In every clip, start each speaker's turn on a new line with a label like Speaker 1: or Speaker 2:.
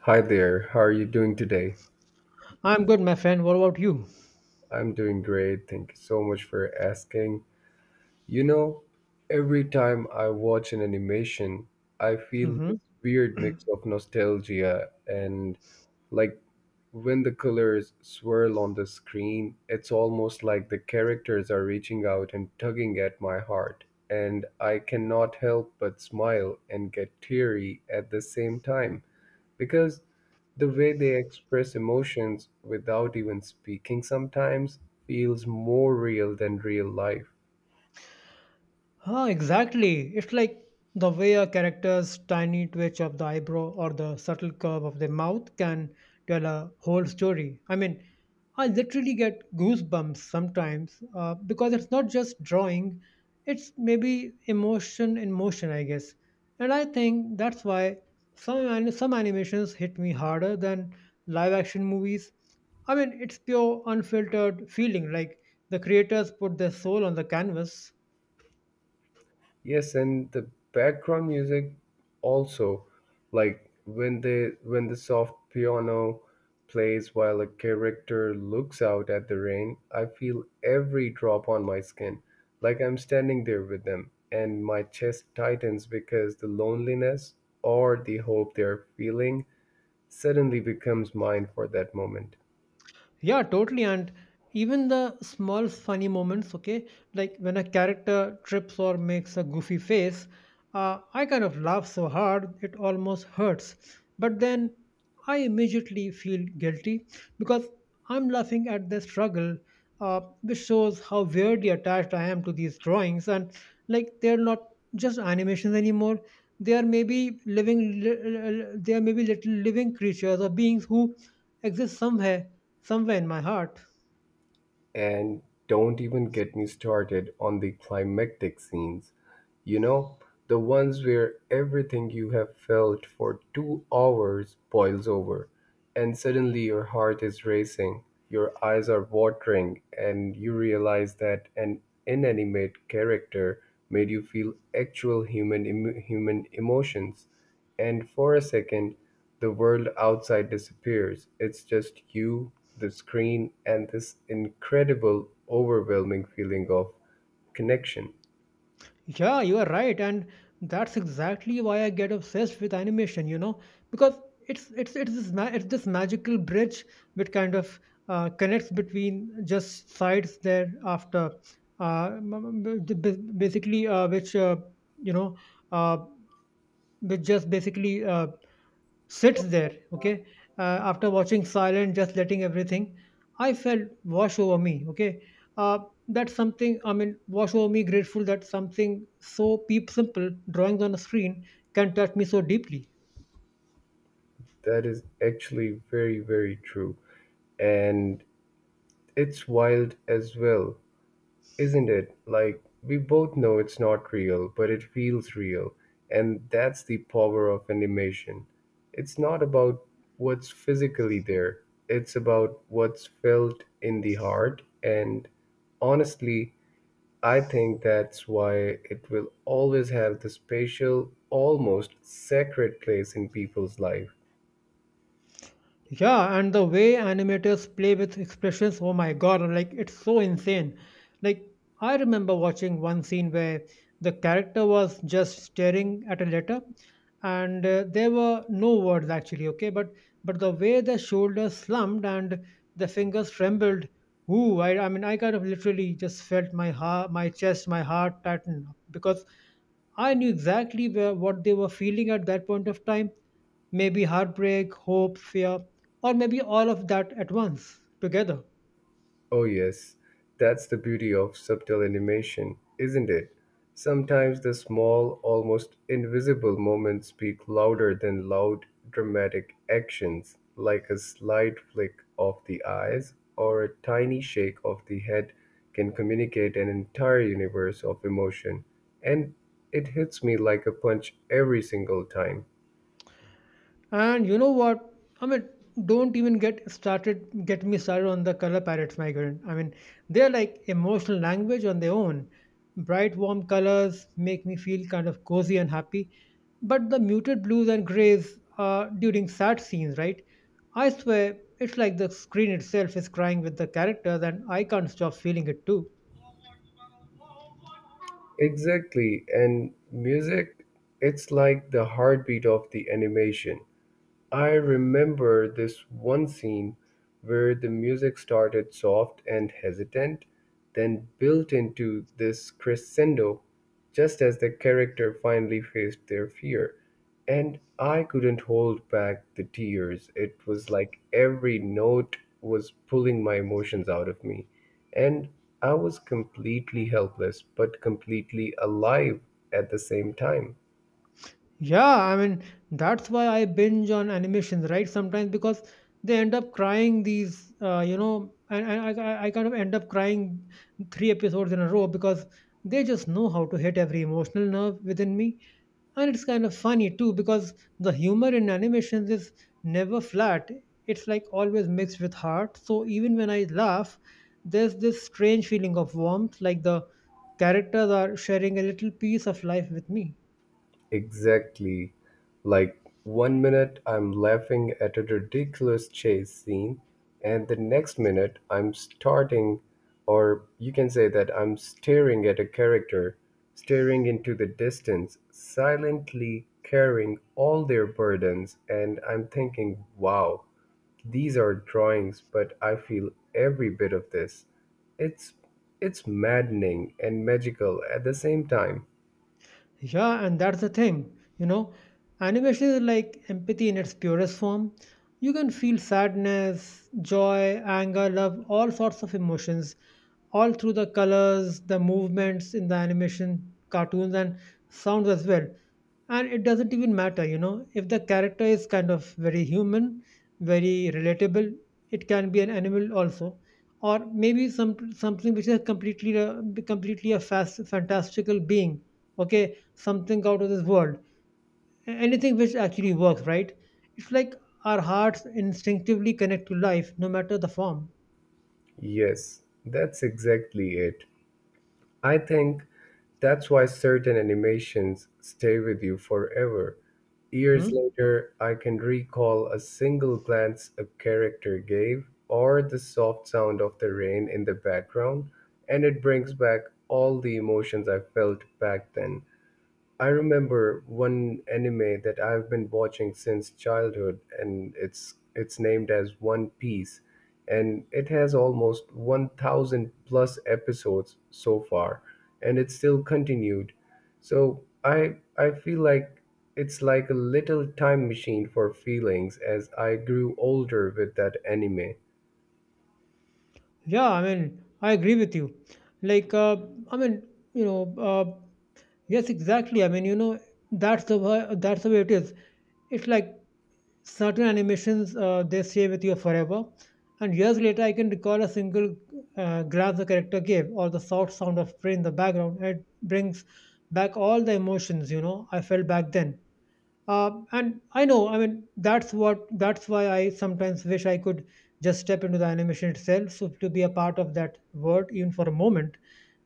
Speaker 1: Hi there, how are you doing today?
Speaker 2: I'm good, my friend. What about you?
Speaker 1: I'm doing great, thank you so much for asking. You know, every time I watch an animation, I feel this
Speaker 2: Mhm.
Speaker 1: weird mix of nostalgia and like when the colors swirl on the screen, it's almost like the characters are reaching out and tugging at my heart, and I cannot help but smile and get teary at the same time. Because the way they express emotions without even speaking sometimes feels more real than real life.
Speaker 2: Ah, exactly. It's like the way a character's tiny twitch of the eyebrow or the subtle curve of the mouth can tell a whole story. I mean, I literally get goosebumps sometimes because it's not just drawing, it's maybe emotion in motion, I guess. And I think that's why some animations hit me harder than live action movies. I mean, it's pure unfiltered feeling, like the creators put their soul on the canvas.
Speaker 1: Yes, and the background music also like when the soft piano plays while a character looks out at the rain, I feel every drop on my skin, like I'm standing there with them, and my chest tightens because the loneliness or the hope they're feeling suddenly becomes mine for that moment.
Speaker 2: Yeah, totally. And even the small funny moments, okay, like when a character trips or makes a goofy face, I kind of laugh so hard it almost hurts. But then I immediately feel guilty because I'm laughing at their struggle, which shows how weirdly attached I am to these drawings. And like they're not just animations anymore. They are maybe living, li- li- li- they are maybe little living creatures or beings who exists somewhere, somewhere in my heart.
Speaker 1: And don't even get me started on the climactic scenes. You know, the ones where everything you have felt for 2 hours boils over, and suddenly your heart is racing, your eyes are watering, and you realize that an inanimate character made you feel actual human emotions. And for a second, the world outside disappears. It's just you, the screen, and this incredible, overwhelming feeling of connection.
Speaker 2: Yeah, you are right, and that's exactly why I get obsessed with animation. You know, because it's it's this magical bridge which kind of connects between just sides thereafter. Basically, which you know, uh, which just basically sits there, okay, after watching silent, just letting everything, I felt wash over me, okay. Uh, that's something, I mean, wash over me, grateful that something so peep simple, drawings on a screen, can touch me so deeply.
Speaker 1: That is actually very, very true. And it's wild as well, isn't it? Like, we both know it's not real, but it feels real. And that's the power of animation. It's not about what's physically there, it's about what's felt in the heart. And honestly, I think that's why it will always have the special, almost sacred place in people's life.
Speaker 2: Yeah, and the way animators play with expressions, oh my god, I'm like it's so insane. Like I remember watching one scene where the character was just staring at a letter and there were no words actually, okay, but the way the shoulders slumped and the fingers trembled, ooh, I mean I kind of literally just felt my heart tighten because I knew exactly what they were feeling at that point of time. Maybe heartbreak, hope, fear, or maybe all of that at once together.
Speaker 1: Oh, yes, that's the beauty of subtle animation, isn't it? Sometimes the small, almost invisible moments speak louder than loud, dramatic actions, like a slight flick of the eyes or a tiny shake of the head can communicate an entire universe of emotion. And it hits me like a punch every single time.
Speaker 2: And you know what? I mean, don't even get started, get me started on the color palettes, my friend. I mean, they're like emotional language on their own. Bright, warm colors make me feel kind of cozy and happy. But the muted blues and grays are during sad scenes, right? I swear, it's like the screen itself is crying with the characters, and I can't stop feeling it too.
Speaker 1: Exactly, and music, it's like the heartbeat of the animation. I remember this one scene where the music started soft and hesitant, then built into this crescendo just as the character finally faced their fear. And I couldn't hold back the tears. It was like every note was pulling my emotions out of me. And I was completely helpless, but completely alive at the same time.
Speaker 2: Yeah, I mean, that's why I binge on animations, right? Sometimes because they end up crying these, and I kind of end up crying three episodes in a row because they just know how to hit every emotional nerve within me. And it's kind of funny too because the humor in animations is never flat, it's like always mixed with heart. So even when I laugh, there's this strange feeling of warmth, like the characters are sharing a little piece of life with me.
Speaker 1: Exactly. Like, one minute I'm laughing at a ridiculous chase scene, and the next minute I'm starting, or you can say that I'm staring at a character, staring into the distance, silently carrying all their burdens, and I'm thinking, wow, these are drawings, but I feel every bit of this. It's it's maddening and magical at the same time.
Speaker 2: Yeah, and that's the thing, you know, animation is like empathy in its purest form. You can feel sadness, joy, anger, love, all sorts of emotions, all through the colors, the movements in the animation, cartoons, and sounds as well. And it doesn't even matter, you know, if the character is kind of very human, very relatable, it can be an animal also. Or maybe something which is completely a fantastical being, okay, something out of this world. Anything which actually works, right? It's like our hearts instinctively connect to life no matter the form.
Speaker 1: Yes, that's exactly it. I think that's why certain animations stay with you forever. Years
Speaker 2: Hmm.
Speaker 1: later, I can recall a single glance a character gave or the soft sound of the rain in the background, and it brings back all the emotions I felt back then. I remember one anime that I've been watching since childhood, and it's named as One Piece, and it has almost 1,000 plus episodes so far, and it's still continued. So I feel like it's like a little time machine for feelings as I grew older with that anime.
Speaker 2: Yeah, I mean I agree with you. Like I mean you know Yes, exactly, I mean, you know, that's the way it is. It's like certain animations they stay with you forever, and years later I can recall a single glance the character gave or the soft sound of spray in the background, and it brings back all the emotions, you know, I felt back then. And I know I mean that's what That's why I sometimes wish I could just step into the animation itself, so to be a part of that world even for a moment.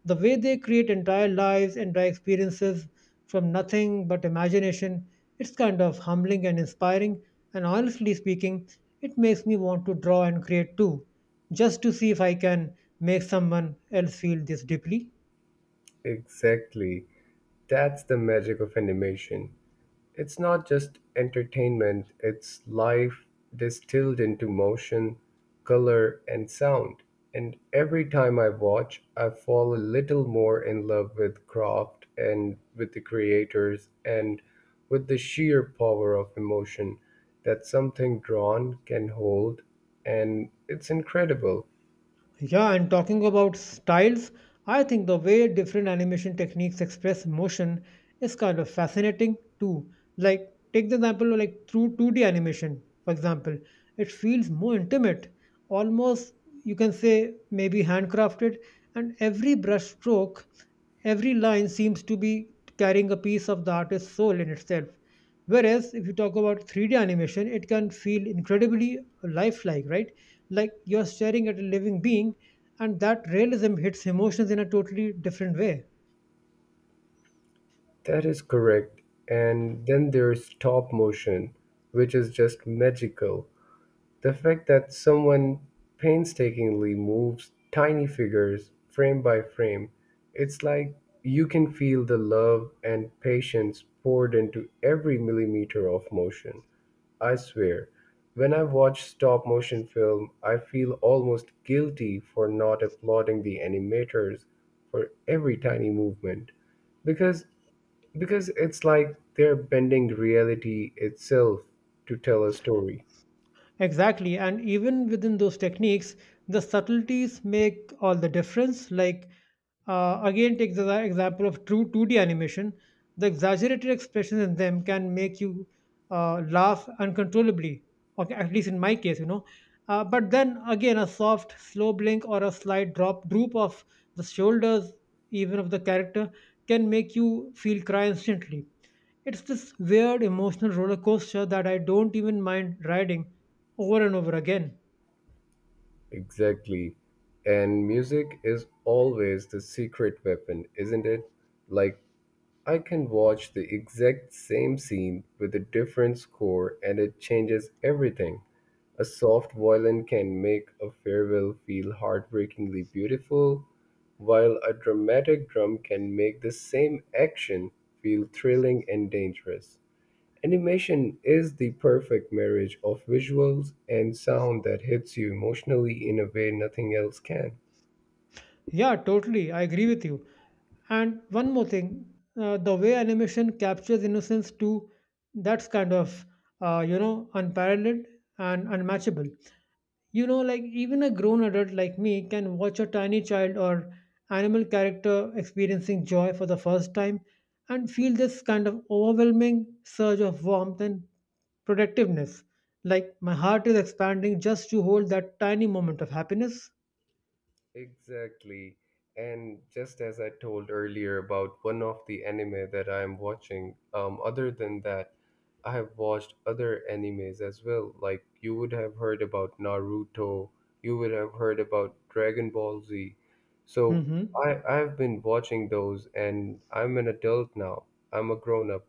Speaker 2: The way they create entire lives, entire experiences from nothing but imagination. It's kind of humbling and inspiring, and honestly speaking, it makes me want to draw and create too, just to see if I can make someone else feel this deeply.
Speaker 1: Exactly. That's the magic of animation. It's not just entertainment, it's life distilled into motion, color, and sound. And every time I watch, I fall a little more in love with craft and with the creators and with the sheer power of emotion that something drawn can hold. And it's incredible.
Speaker 2: Yeah, and talking about styles, I think the way different animation techniques express motion is kind of fascinating too. Like, take the example of like through 2D animation, for example, it feels more intimate, almost you can say maybe handcrafted, and every brush stroke, every line seems to be carrying a piece of the artist's soul in itself. Whereas if you talk about 3D animation, it can feel incredibly lifelike, right? Like you're staring at a living being, and that realism hits emotions in a totally different way.
Speaker 1: That is correct. And then there's stop motion, which is just magical. The fact that someone painstakingly moves tiny figures frame by frame, it's like you can feel the love and patience poured into every millimeter of motion. I swear, when I watch stop motion film, I feel almost guilty for not applauding the animators for every tiny movement because because it's like they're bending reality itself to tell a story.
Speaker 2: Exactly. And even within those techniques, the subtleties make all the difference. Like, again, take the example of true 2D animation. The exaggerated expressions in them can make you laugh uncontrollably, or at least in my case, you know. But then again, a soft, slow blink or a slight drop droop of the shoulders, even of the character, can make you feel cry instantly. It's this weird emotional roller coaster that I don't even mind riding over and over again.
Speaker 1: Exactly. And music is always the secret weapon, isn't it? Like, I can watch the exact same scene with a different score and it changes everything. A soft violin can make a farewell feel heartbreakingly beautiful, while a dramatic drum can make the same action feel thrilling and dangerous. Animation is the perfect marriage of visuals and sound that hits you emotionally in a way nothing else can.
Speaker 2: Yeah, totally. I agree with you. And one more thing, the way animation captures innocence too, that's kind of you know, unparalleled and unmatchable. You know, like even a grown adult like me can watch a tiny child or animal character experiencing joy for the first time and feel this kind of overwhelming surge of warmth and protectiveness. Like my heart is expanding just to hold that tiny moment of happiness.
Speaker 1: Exactly. And just as I told earlier about one of the anime that I am watching, other than that, I have watched other animes as well. Like you would have heard about Naruto, you would have heard about Dragon Ball Z. So
Speaker 2: Hmm.
Speaker 1: I've been watching those and I'm an adult now. I'm a grown up,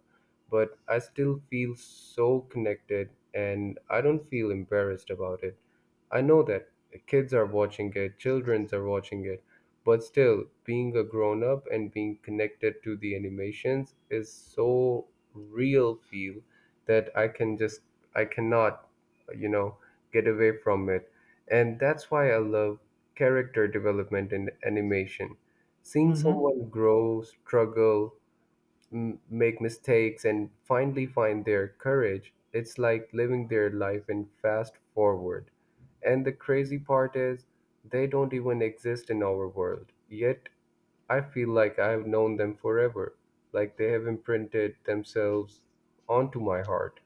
Speaker 1: but I still feel so connected and I don't feel embarrassed about it. I know that kids are watching it, childrens are watching it. But still, being a grown up and being connected to the animations is so real feel that I can just I cannot, you know, get away from it. And that's why I love character development in animation. Seeing
Speaker 2: Hmm.
Speaker 1: someone grow, struggle, make mistakes and finally find their courage. It's like living their life in fast forward. And the crazy part is, they don't even exist in our world. Yet, I feel like I have known them forever, like they have imprinted themselves onto my heart.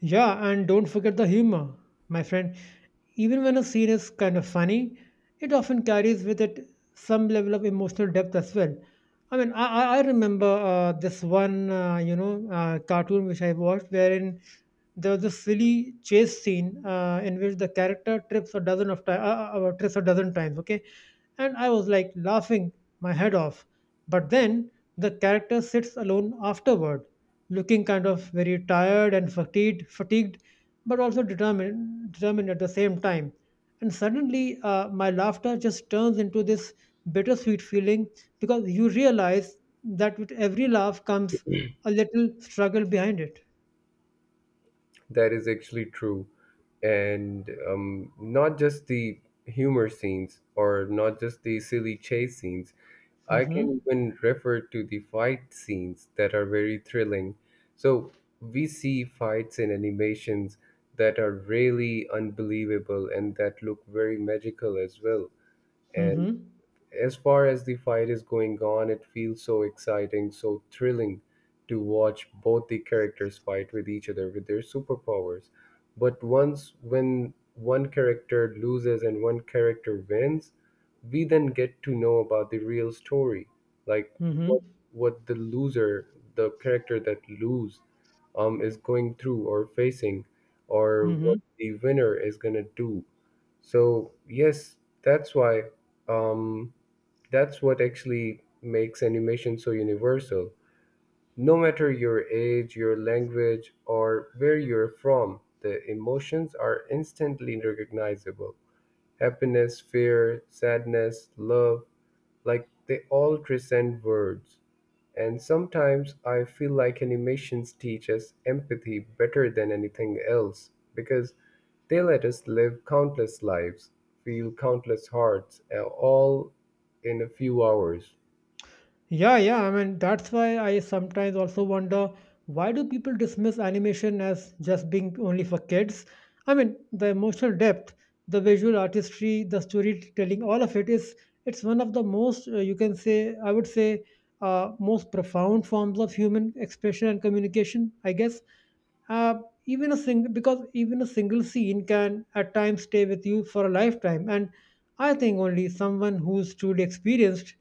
Speaker 2: Yeah, and don't forget the humor, my friend. Even when a scene is kind of funny, it often carries with it some level of emotional depth as well. I mean, I remember this one, you know, cartoon which I watched, wherein there was this silly chase scene in which the character trips a dozen of times, trips a dozen times, okay? And I was like laughing my head off. But then the character sits alone afterward looking kind of very tired and fatigued, but also determined at the same time. And suddenly, my laughter just turns into this bittersweet feeling because you realize that with every laugh comes a little struggle behind it.
Speaker 1: That is actually true. And not just the humor scenes or not just the silly chase scenes. I can
Speaker 2: Mm-hmm.
Speaker 1: even refer to the fight scenes that are very thrilling. So we see fights in animations that are really unbelievable and that look very magical as well. And
Speaker 2: Mm-hmm.
Speaker 1: as far as the fight is going on, it feels so exciting, so thrilling to watch both the characters fight with each other with their superpowers. But once when one character loses and one character wins, we then get to know about the real story, like what
Speaker 2: Mm-hmm.
Speaker 1: what the loser, the character that lose, is going through or facing, or what
Speaker 2: Mm-hmm.
Speaker 1: the winner is gonna do. So yes, that's why um, that's what actually makes animation so universal. No matter your age, your language, or where you're from, the emotions are instantly recognizable. Happiness, fear, sadness, love, like they all transcend words. And sometimes I feel like animations teach us empathy better than anything else because they let us live countless lives, feel countless hearts, all in a few hours.
Speaker 2: Yeah, yeah. I mean, that's why I sometimes also wonder, why do people dismiss animation as just being only for kids? I mean, the emotional depth, the visual artistry, the storytelling, all of it is it's one of the most you can say I would say most profound forms of human expression and communication, I guess. uh, Even a single scene can at times stay with you for a lifetime, and I think only someone who's truly experienced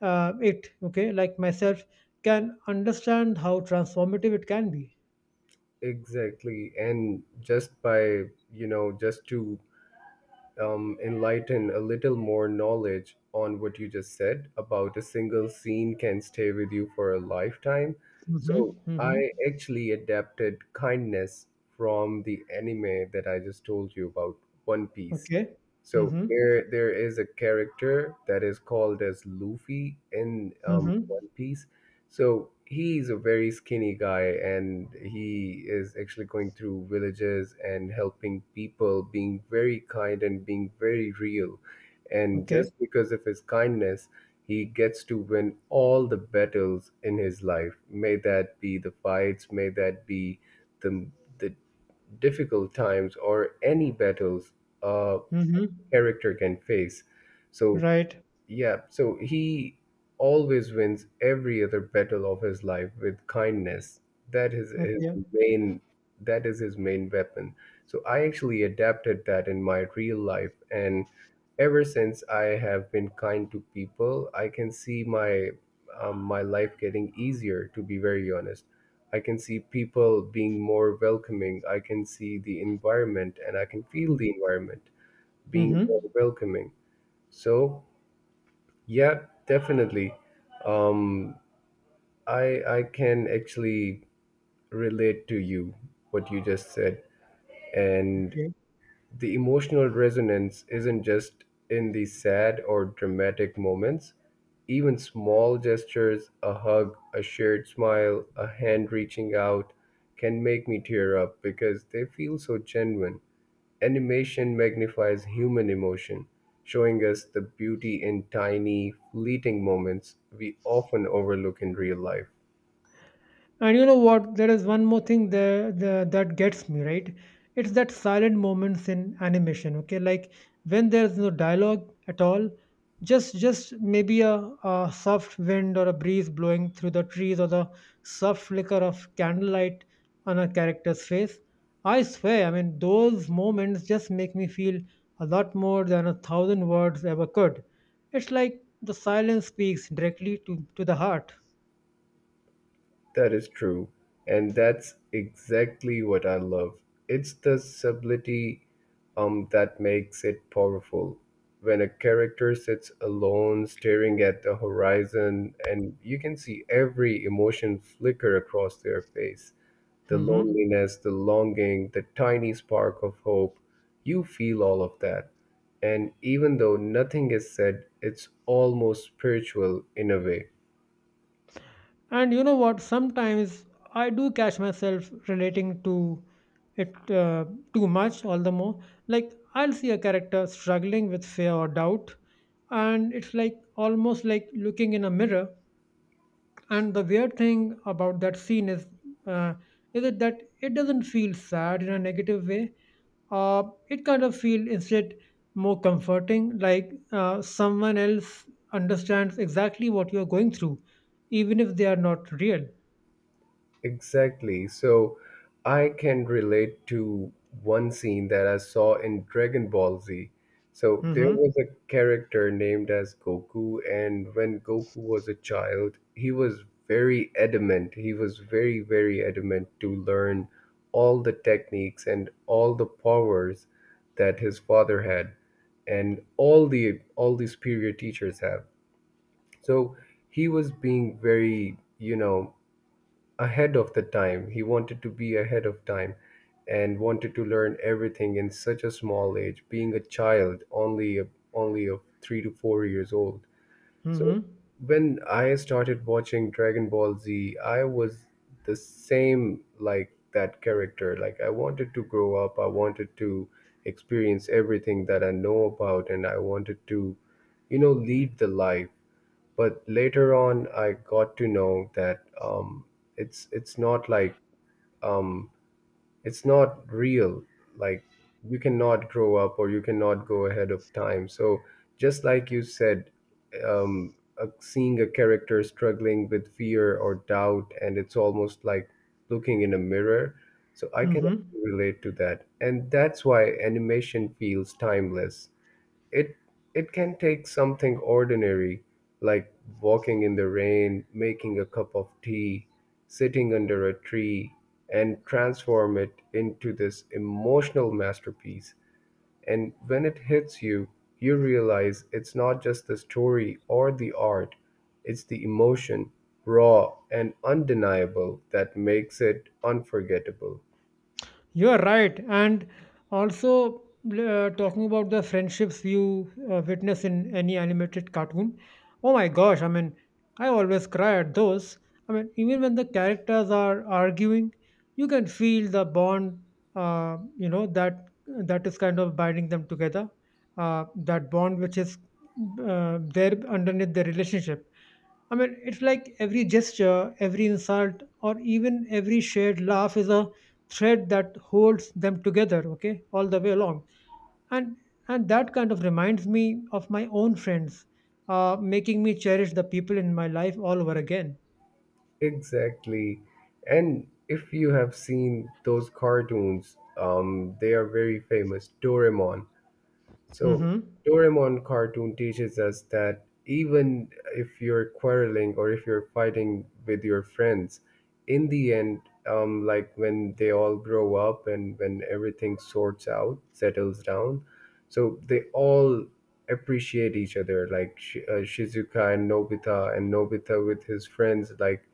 Speaker 2: it, okay, like myself, can understand how transformative it can be.
Speaker 1: Exactly. And just by, you know, just to enlighten a little more knowledge on what you just said about a single scene can stay with you for a lifetime. So
Speaker 2: Mm-hmm.
Speaker 1: I
Speaker 2: Mm-hmm.
Speaker 1: actually adapted kindness from the anime that I just told you about, One Piece.
Speaker 2: Okay.
Speaker 1: So
Speaker 2: Mm-hmm.
Speaker 1: there is a character that is called as Luffy in
Speaker 2: Mm-hmm.
Speaker 1: One Piece, so he's a very skinny guy, and he is actually going through villages and helping people, being very kind and being very real. And
Speaker 2: Okay.
Speaker 1: just because of his kindness, he gets to win all the battles in his life. May that be the fights, may that be the the difficult times or any battles a
Speaker 2: Mm-hmm.
Speaker 1: character can face. So
Speaker 2: Right.
Speaker 1: yeah, so he always wins every other battle of his life with kindness. That is his
Speaker 2: Okay.
Speaker 1: main, that is his main weapon. So I actually adapted that in my real life and ever since I have been kind to people, I can see my my life getting easier to be very honest. I can see people being more welcoming. I can see the environment and I can feel the environment being more
Speaker 2: Mm-hmm.
Speaker 1: welcoming. So yeah, definitely. Um, I can actually relate to you what you just said, and
Speaker 2: Okay.
Speaker 1: the emotional resonance isn't just in the sad or dramatic moments. Even small gestures, a hug, a shared smile, a hand reaching out, can make me tear up because they feel so genuine. Animation magnifies human emotion, showing us the beauty in tiny, fleeting moments we often overlook in real life.
Speaker 2: And you know what? There is one more thing there that gets me, right? It's that silent moments in animation, okay? Like when there's no dialogue at all, just maybe a soft wind or a breeze blowing through the trees or the soft flicker of candlelight on a character's face. I swear, I mean, those moments just make me feel a lot more than a thousand words ever could. It's like the silence speaks directly to the heart.
Speaker 1: That is true, and that's exactly what I love. It's the subtlety, that makes it powerful. When a character sits alone, staring at the horizon, and you can see every emotion flicker across their face, the
Speaker 2: Hmm.
Speaker 1: loneliness, the longing, the tiny spark of hope. You feel all of that. And even though nothing is said, it's almost spiritual in a way.
Speaker 2: And you know what? Sometimes I do catch myself relating to it too much, all the more. Like, I'll see a character struggling with fear or doubt, and it's like almost like looking in a mirror. And the weird thing about that scene uh, is it that it doesn't feel sad in a negative way. Uh, it kind of feels instead more comforting, like someone else understands exactly what you're going through, even if they are not real.
Speaker 1: Exactly. So I can relate to one scene that I saw in Dragon Ball Z. So there
Speaker 2: Mhm.
Speaker 1: was a character named as Goku, and when Goku was a child, he was very adamant. He was very, very adamant to learn all the techniques and all the powers that his father had and all the superior teachers have. So he was being very, you know, ahead of the time. He wanted to be ahead of time and wanted to learn everything in such a small age, being a child, only of 3 to 4 years old. So
Speaker 2: Mhm.
Speaker 1: when I started watching Dragon Ball Z, I was the same like that character. Like I wanted to grow up, I wanted to experience everything that I know about and I wanted to, lead the life. But later on I got to know that it's not like um it's not real, like you cannot grow up or you cannot go ahead of time. So just like you said, um seeing a character struggling with fear or doubt, and it's almost like looking in a mirror. So I can
Speaker 2: Mhm.
Speaker 1: actually relate to that, and that's why animation feels timeless. It it can take something ordinary like walking in the rain, making a cup of tea, sitting under a tree, and transform it into this emotional masterpiece. And when it hits you, you realize it's not just the story or the art, it's the emotion, raw and undeniable, that makes it unforgettable.
Speaker 2: You are right. And also, talking about the friendships you witness in any animated cartoon, oh my gosh, I mean, I always cry at those. I mean, even when the characters are arguing, you can feel the bond, you know, that is kind of binding them together, that bond which is there underneath the relationship. I mean, it's like every gesture, every insult, or even every shared laugh is a thread that holds them together, okay, all the way along and and that kind of reminds me of my own friends, making me cherish the people in my life all over again.
Speaker 1: Exactly. And if you have seen those cartoons, they are very famous. Doraemon. So,
Speaker 2: Mm-hmm.
Speaker 1: Doraemon cartoon teaches us that even if you're quarreling or if you're fighting with your friends, in the end, like when they all grow up and when everything sorts out, settles down, so they all appreciate each other. Like Shizuka and Nobita with his friends, like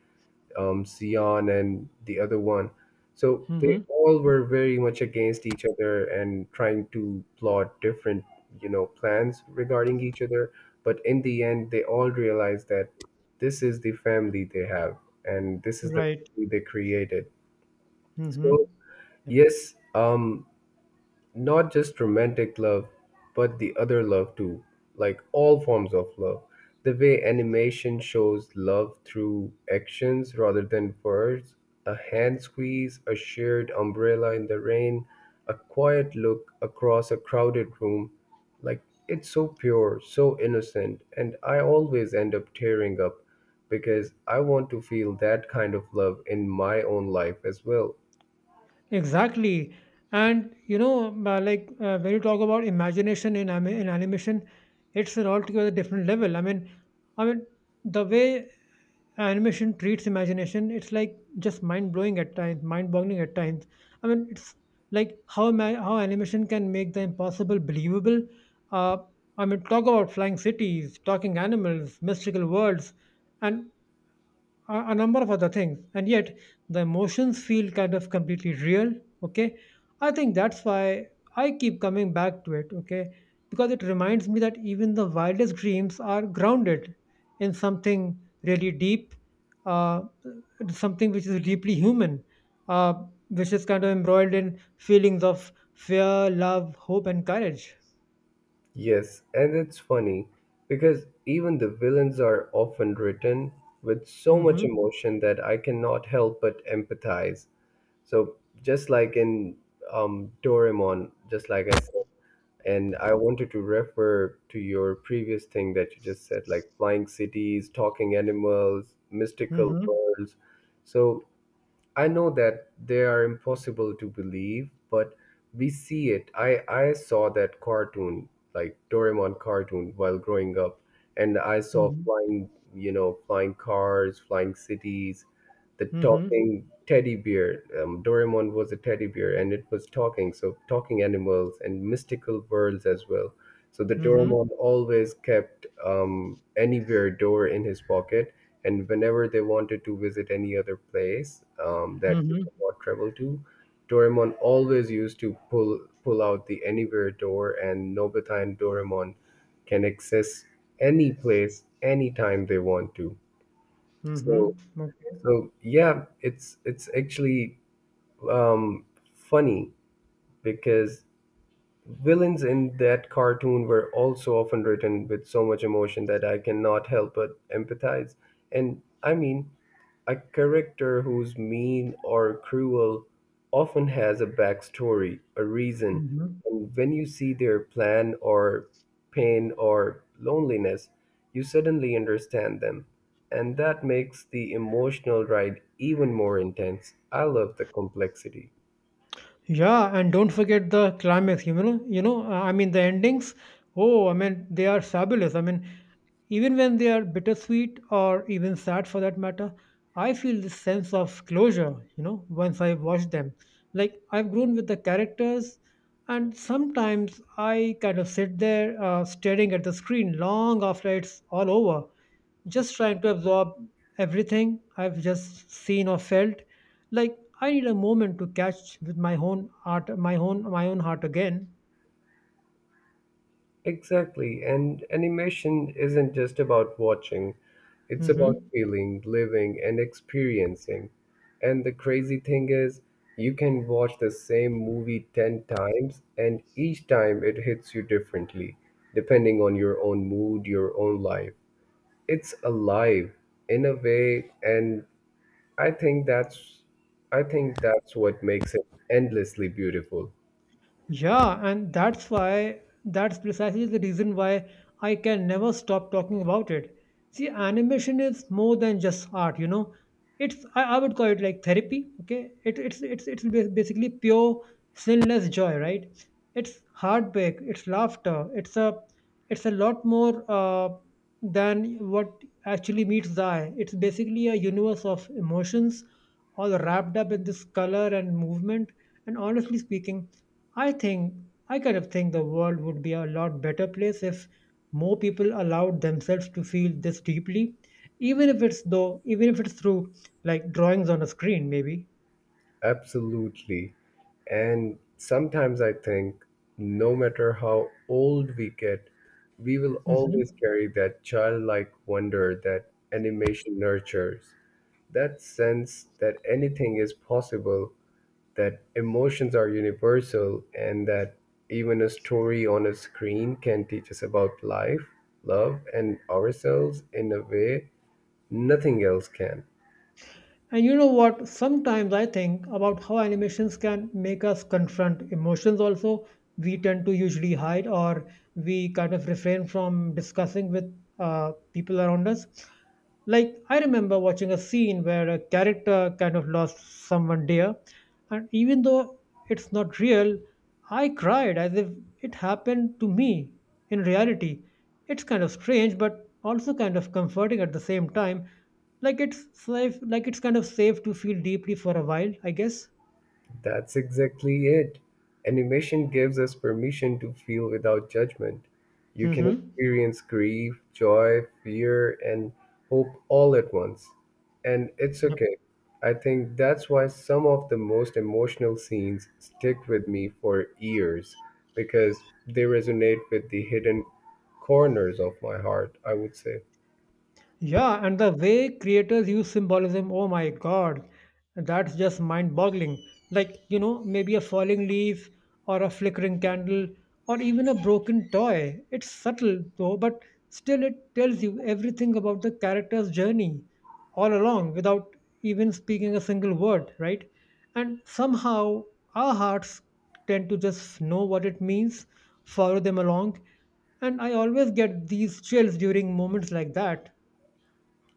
Speaker 1: Sion and the other one. So they
Speaker 2: Mm-hmm.
Speaker 1: all were very much against each other and trying to plot different, plans regarding each other. But in the end, they all realized that this is the family they have and this is the
Speaker 2: Right.
Speaker 1: family they created.
Speaker 2: Mm-hmm.
Speaker 1: So
Speaker 2: Yeah.
Speaker 1: yes, not just romantic love, but the other love too, like all forms of love. The way animation shows love through actions rather than words: a hand squeeze, a shared umbrella in the rain, a quiet look across a crowded room, like it's so pure, so innocent, and I always end up tearing up because I want to feel that kind of love in my own life as well.
Speaker 2: Exactly. And you know, like when you talk about imagination in animation, it's an altogether different level. I mean, the way animation treats imagination. It's like just mind blowing at times, mind boggling at times. I mean, it's like how animation can make the impossible believable. Uh, I mean, talk about flying cities, talking animals, mystical worlds, and a number of other things, and yet the emotions feel kind of completely real. Okay. I think that's why I keep coming back to it. Okay. Because it reminds me that even the wildest dreams are grounded in something really deep, uh, something which is deeply human, uh, which is kind of embroiled in feelings of fear, love, hope and courage.
Speaker 1: Yes, and it's funny because even the villains are often written with so much
Speaker 2: Mm-hmm.
Speaker 1: emotion that I cannot help but empathize. So just like in Doraemon, just like I said, and I wanted to refer to your previous thing that you just said, like flying cities, talking animals, mystical
Speaker 2: Mm-hmm.
Speaker 1: worlds. So I know that they are impossible to believe, but we see it. I saw that cartoon, like Doraemon cartoon, while growing up, and I saw
Speaker 2: Mm-hmm.
Speaker 1: flying, flying cars, flying cities, the
Speaker 2: Mm-hmm.
Speaker 1: talking teddy bear. Doraemon was a teddy bear, and it was talking, so talking animals and mystical worlds as well. So the
Speaker 2: Mm-hmm.
Speaker 1: doorman always kept, anywhere door in his pocket, and whenever they wanted to visit any other place that they
Speaker 2: Mm-hmm.
Speaker 1: could not travel to, Doraemon always used to pull out the anywhere door, and Nobita and Doraemon can access any place anytime they want to.
Speaker 2: Mm-hmm.
Speaker 1: So
Speaker 2: Okay.
Speaker 1: so yeah, it's actually, um, funny because villains in that cartoon were also often written with so much emotion that I cannot help but empathize. And I mean, a character who's mean or cruel often has a backstory, a reason.
Speaker 2: Mm-hmm.
Speaker 1: And when you see their plan or pain or loneliness, you suddenly understand them. And that makes the emotional ride even more intense. I love the complexity.
Speaker 2: Yeah, and don't forget the climax. I mean, the endings. Oh, I mean, they are fabulous. I mean, even when they are bittersweet or even sad, for that matter, I feel this sense of closure. You know, once I watch them, like I've grown with the characters, and sometimes I kind of sit there staring at the screen long after it's all over, just trying to absorb everything I've just seen or felt. Like I need a moment to catch with my own heart, my own heart again.
Speaker 1: Exactly. And animation isn't just about watching, it's about
Speaker 2: Hmm.
Speaker 1: feeling, living, and experiencing. And the crazy thing is, you can watch the same movie 10 times, and each time it hits you differently, depending on your own mood, your own life. It's alive in a way, and I think that's I think that's what makes it endlessly beautiful.
Speaker 2: Yeah, and that's why, that's precisely the reason why I can never stop talking about it. See, animation is more than just art, you know. It's I would call it like therapy. Okay, it, it's ba- basically pure sinless joy, right? It's heartbreak, it's laughter, it's a lot more than what actually meets the eye. It's basically a universe of emotions all wrapped up in this color and movement. And honestly speaking, I think I kind of think the world would be a lot better place if more people allowed themselves to feel this deeply, even if even if it's through like drawings on a screen, maybe.
Speaker 1: Absolutely. And sometimes I think no matter how old we get, we will
Speaker 2: Hmm.
Speaker 1: always carry that childlike wonder that animation nurtures, that sense that anything is possible, that emotions are universal, and that even a story on a screen can teach us about life, love, and ourselves in a way nothing else can.
Speaker 2: And you know what? Sometimes I think about how animations can make us confront emotions also. We tend to usually hide or we kind of refrain from discussing with people around us. Like, I remember watching a scene where a character kind of lost someone dear, and even though it's not real, I cried as if it happened to me in reality. It's kind of strange, but also kind of comforting at the same time. Like it's safe, like it's kind of safe to feel deeply for a while, I guess.
Speaker 1: That's exactly it. Animation gives us permission to feel without judgment. You can
Speaker 2: Mm-hmm.
Speaker 1: experience grief, joy, fear, and hope all at once. And it's okay. I think that's why some of the most emotional scenes stick with me for years because they resonate with the hidden corners of my heart, I would say.
Speaker 2: Yeah, and the way creators use symbolism, oh my god, that's just mind boggling. Like, you know, maybe a falling leaf or a flickering candle or even a broken toy. It's subtle though, but still it tells you everything about the character's journey all along without even speaking a single word, right? And somehow our hearts tend to just know what it means, follow them along, and I always get these chills during moments like that.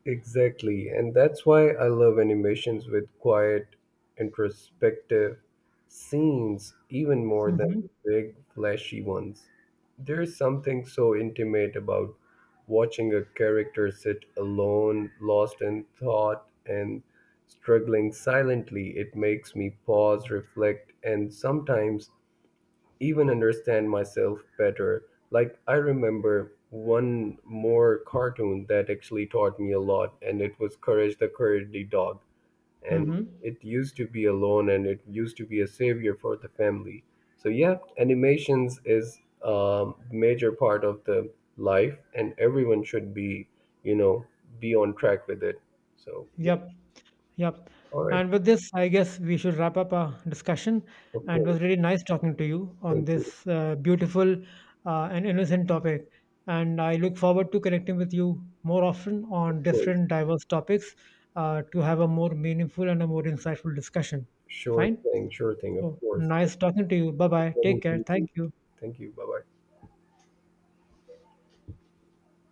Speaker 1: Exactly, and that's why I love animations with quiet, introspective scenes even more than
Speaker 2: Mhm.
Speaker 1: the big, flashy ones. There's something so intimate about watching a character sit alone, lost in thought, and struggling silently. It makes me pause, reflect, and sometimes even understand myself better. Like I remember one more cartoon that actually taught me a lot, and it was Courage the Cowardly Dog. And
Speaker 2: Mhm.
Speaker 1: it used to be alone, and it used to be a savior for the family. So yeah, animations is a major part of the life, and everyone should be, you know, be on track with it. So yeah,
Speaker 2: Yep. Yep.
Speaker 1: all right,
Speaker 2: And with this, I guess we should wrap up our discussion.
Speaker 1: of
Speaker 2: And it
Speaker 1: course,
Speaker 2: was really nice talking to you on
Speaker 1: thank you,
Speaker 2: this beautiful and innocent topic. And I look forward to connecting with you more often on
Speaker 1: of course,
Speaker 2: different diverse topics, to have a more meaningful and a more insightful discussion. Fine?
Speaker 1: sure thing, of
Speaker 2: So
Speaker 1: course.
Speaker 2: nice talking to you. Bye bye. Take care. Thank you.
Speaker 1: Thank you. Bye bye.